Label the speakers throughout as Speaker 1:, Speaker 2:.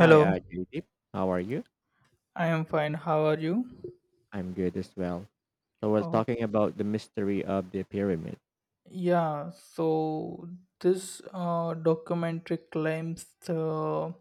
Speaker 1: Hi, Judith. How are you?
Speaker 2: I am fine. How are you?
Speaker 1: I'm good as well. So we're
Speaker 2: Oh,
Speaker 1: talking about the mystery of the pyramid.
Speaker 2: yeah. So this documentary claims the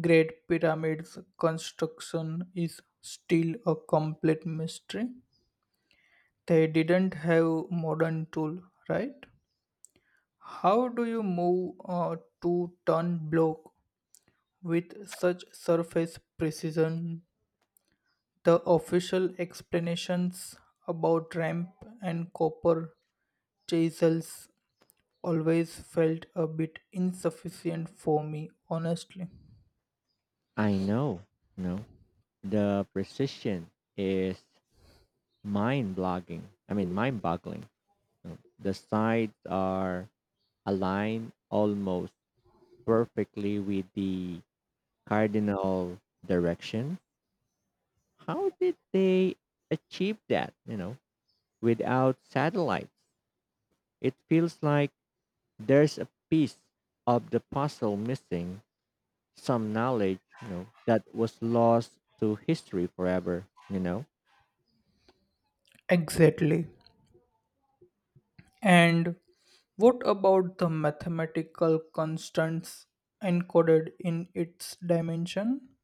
Speaker 2: Great Pyramid's construction is still a complete mystery. They didn't have modern tool, right? How do you move a 2-ton block with such surface precision. The official explanations about ramp and copper chisels always felt a bit insufficient for me, honestly.
Speaker 1: I know, no, the precision is mind-boggling. No. The sides are aligned almost perfectly with the cardinal direction. How did they achieve that? You know, without satellites, it feels like there's a piece of the puzzle missing some knowledge that was lost to history forever.
Speaker 2: Exactly. And what about the mathematical constants encoded in its dimension?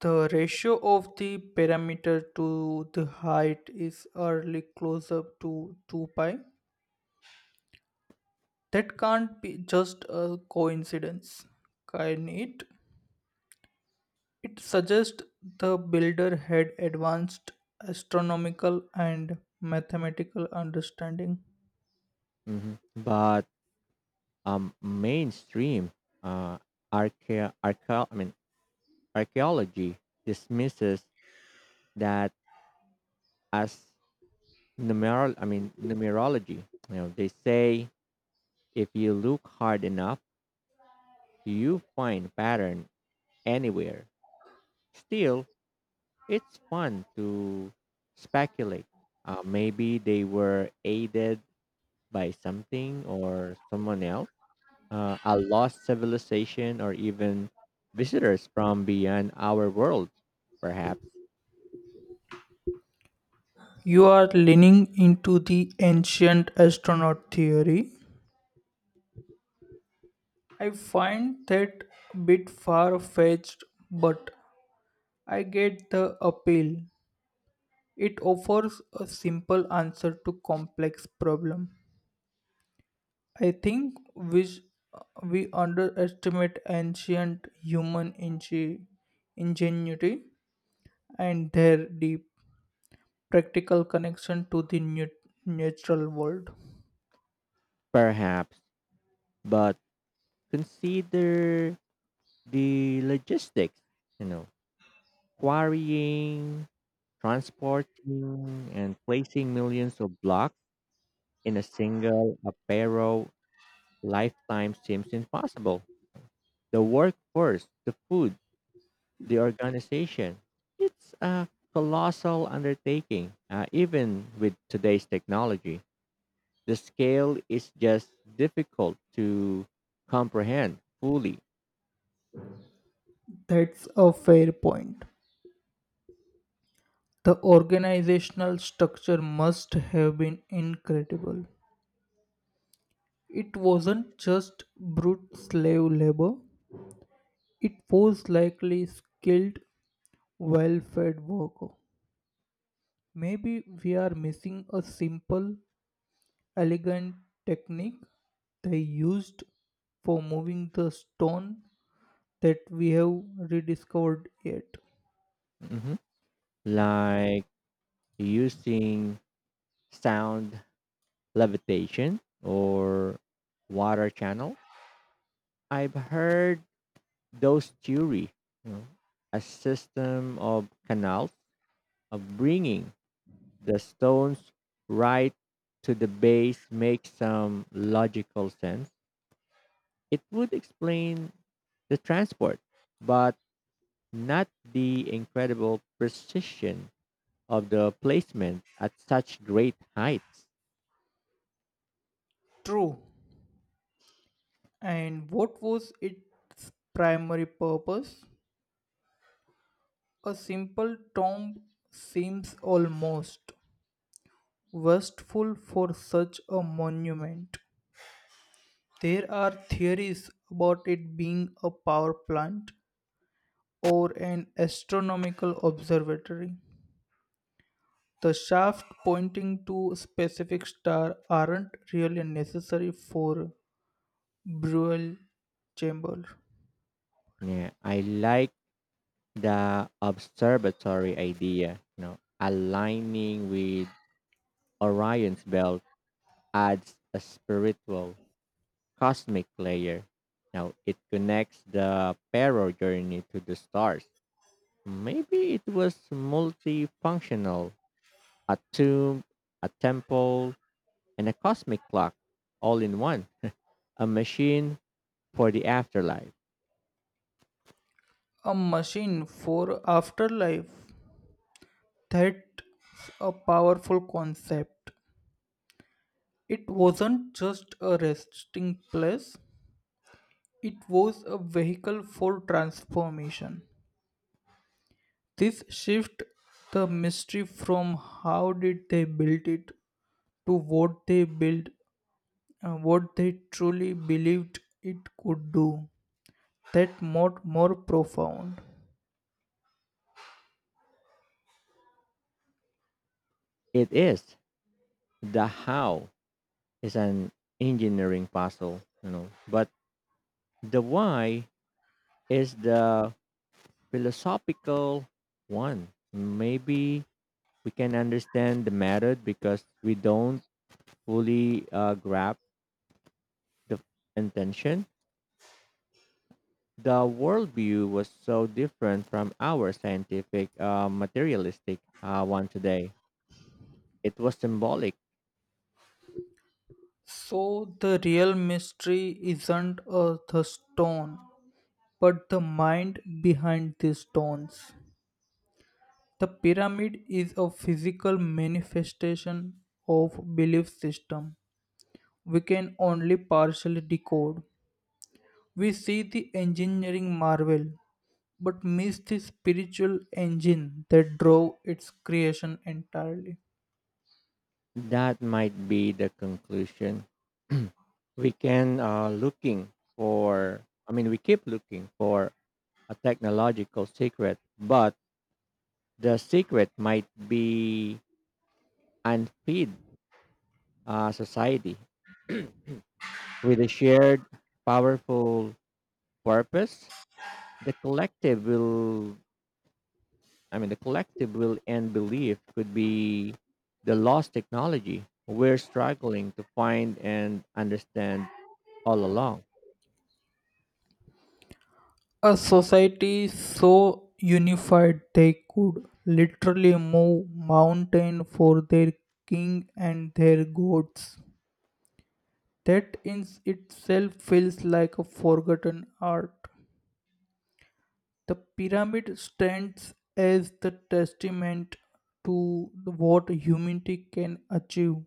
Speaker 2: The ratio of the perimeter to the height is early close up to 2 pi. That can't be just a coincidence, can it? It suggests the builder had advanced astronomical and mathematical understanding.
Speaker 1: But mainstream uh archae- archae- i mean archaeology dismisses that as numeral I mean numerology. You know, they say if you look hard enough you find pattern anywhere. Still, it's fun to speculate. Uh, maybe they were aided by something or someone else, a lost civilization, or even visitors from beyond our world, perhaps.
Speaker 2: You are leaning into the ancient astronaut theory. I find that bit far fetched, but I get the appeal. It offers a simple answer to complex problem. I think which we underestimate ancient human ingenuity and their deep practical connection to the natural world.
Speaker 1: Perhaps. But consider the logistics, you know, quarrying, transporting, and placing millions of blocks in a single apparel lifetime seems impossible. The workforce, the food, the organization. It's a colossal undertaking, even with today's technology. The scale is just difficult to comprehend fully.
Speaker 2: That's a fair point. The organizational structure must have been incredible. It wasn't just brute slave labor, it was likely skilled, well fed worker. Maybe we are missing a simple elegant technique they used for moving the stone that we have rediscovered yet.
Speaker 1: Mhm. Like using sound levitation or water channels. I've heard those theory, you know, a system of canals of bringing The Stones' right to the base makes some logical sense. It would explain the transport, but not the incredible precision of the placement at such great heights.
Speaker 2: True. And what was its primary purpose? A simple tomb seems almost wasteful for such a monument. There are theories about it being a power plant or an astronomical observatory. The shaft pointing to a specific star aren't really necessary for burial chamber.
Speaker 1: Yeah, I like the observatory idea, you know, aligning with Orion's belt adds a spiritual cosmic layer. Now it connects the Pero journey to the stars. Maybe it was multifunctional, a tomb, a temple, and a cosmic clock all in one, a machine for the afterlife.
Speaker 2: A machine for afterlife. That's a powerful concept. It wasn't just a resting place, it was a vehicle for transformation. This shift the mystery from how did they build it to what they built, what they truly believed it could do that more profound.
Speaker 1: It is. The how is an engineering puzzle, you know, but the why is the philosophical one. Maybe we can understand the method because we don't fully grasp the intention. The worldview was so different from our scientific, materialistic one today. It was symbolic.
Speaker 2: So the real mystery isn't the stone, but the mind behind these stones. The pyramid is a physical manifestation of belief system. We can only partially decode. We see the engineering marvel, but miss the spiritual engine that drove its creation entirely.
Speaker 1: That might be the conclusion. We can looking for. I mean, we keep looking for a technological secret, but the secret might be unfeed society with a shared, powerful purpose. the collective will the collective will end belief could be the lost technology we're struggling to find and understand all along.
Speaker 2: A society so unified they could literally move mountain for their king and their gods. That in itself feels like a forgotten art. The pyramid stands as the testament to what humanity can achieve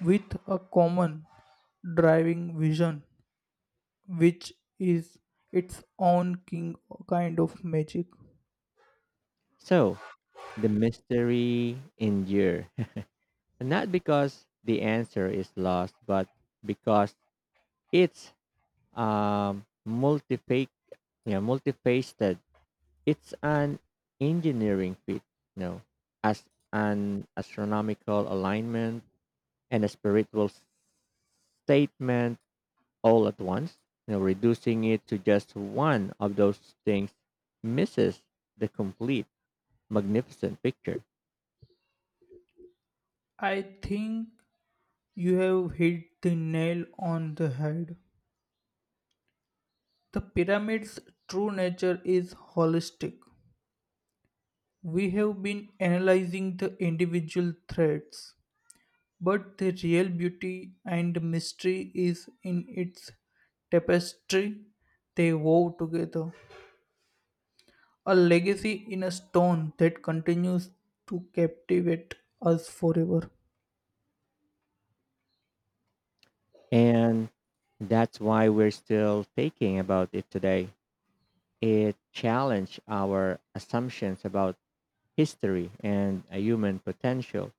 Speaker 2: with a common driving vision, which is its own king kind of magic.
Speaker 1: So the mystery endure not because the answer is lost but because it's um multifac yeah multifaceted. It's an engineering feat, you know, as an astronomical alignment and a spiritual statement all at once. You know, reducing it to just one of those things misses the complete magnificent picture.
Speaker 2: I think you have hit the nail on the head. The pyramid's true nature is holistic. We have been analyzing the individual threads, but the real beauty and mystery is in its tapestry they wove together. A legacy in a stone that continues to captivate us forever.
Speaker 1: And that's why we're still thinking about it today. It challenged our assumptions about history and a human potential.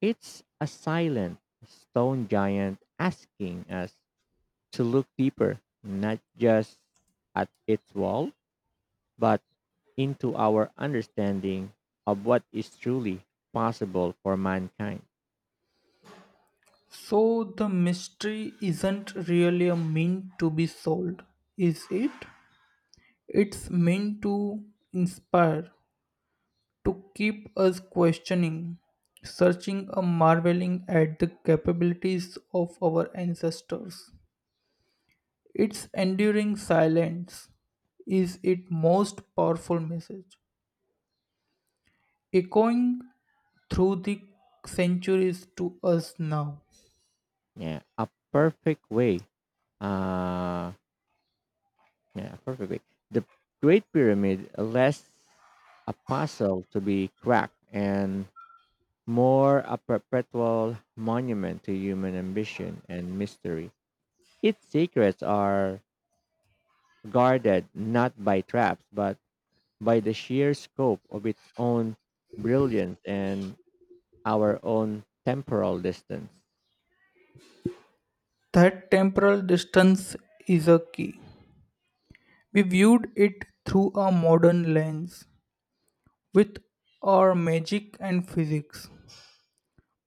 Speaker 1: It's a silent stone giant asking us to look deeper, not just at its wall, but into our understanding of what is truly possible for mankind.
Speaker 2: So, the mystery isn't really a mean to be solved, is it? It's meant to inspire, to keep us questioning, searching, or marveling at the capabilities of our ancestors. Its enduring silence is its most powerful message, echoing through the centuries to us now.
Speaker 1: Yeah, a perfect way. Uh, yeah, a perfect way. The Great Pyramid less a puzzle to be cracked and more a perpetual monument to human ambition and mystery. Its secrets are guarded not by traps but by the sheer scope of its own brilliance and our own temporal distance.
Speaker 2: That temporal distance is a key. We viewed it through a modern lens with our magic and physics,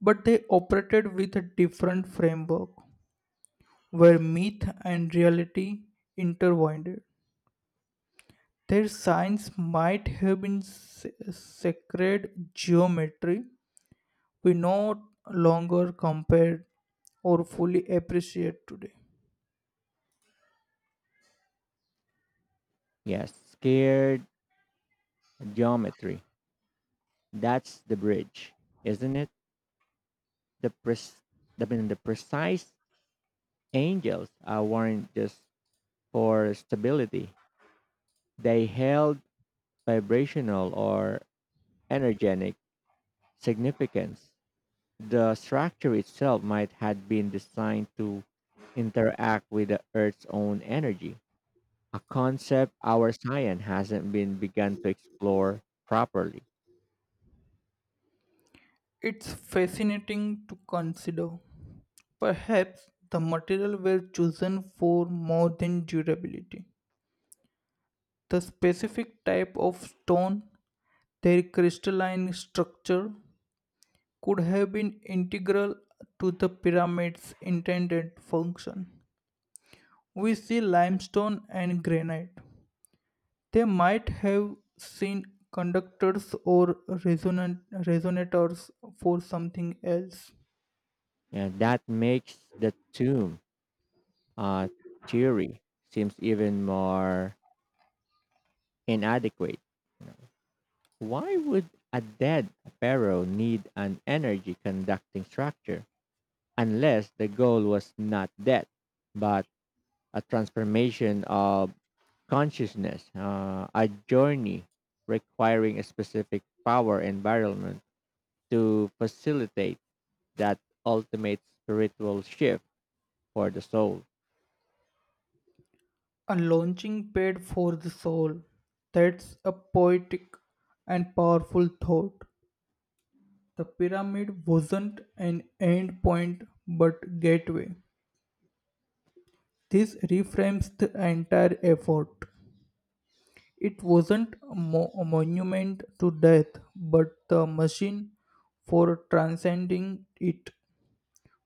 Speaker 2: but they operated with a different framework where myth and reality intertwined. Their science might have been sacred geometry we no longer compare or fully appreciate today.
Speaker 1: Yes, scared geometry. That's the bridge, isn't it? The pres- I mean, the precise angels are weren't just for stability. They held vibrational or energetic significance. The structure itself might had been designed to interact with the Earth's own energy, a concept our science hasn't been begun to explore properly.
Speaker 2: It's fascinating to consider. Perhaps the material were chosen for more than durability. The specific type of stone, their crystalline structure, could have been integral to the pyramid's intended function. We see limestone and granite. They might have seen conductors or resonators for something else.
Speaker 1: And that makes the tomb uh, theory seems even more inadequate. You know, why would a dead pharaoh need an energy conducting structure unless the goal was not death, but a transformation of consciousness, a journey requiring a specific power environment to facilitate that ultimate spiritual shift for the soul?
Speaker 2: A launching pad for the soul. That's a poetic and powerful thought. The pyramid wasn't an end point but gateway. This reframes the entire effort. It wasn't a monument to death, but the machine for transcending it,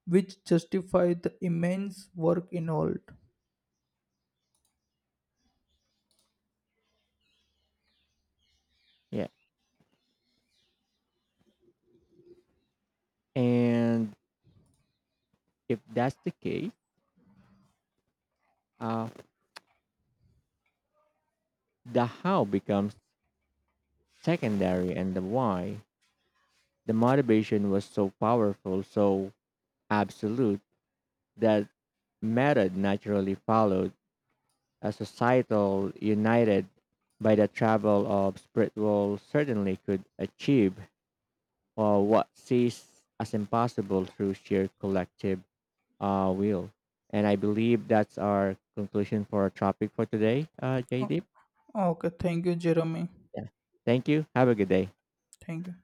Speaker 2: which justified the immense work involved.
Speaker 1: Yeah. And if that's the case, uh, the how becomes secondary and the why. The motivation was so powerful, so absolute, that method naturally followed a societal united by the travel of spiritual certainly could achieve what seems as impossible through sheer collective will. And I believe that's our conclusion for our topic for today, JD.
Speaker 2: Okay, thank you, Jeremy.
Speaker 1: Yeah. Thank you. Have a good day.
Speaker 2: Thank you.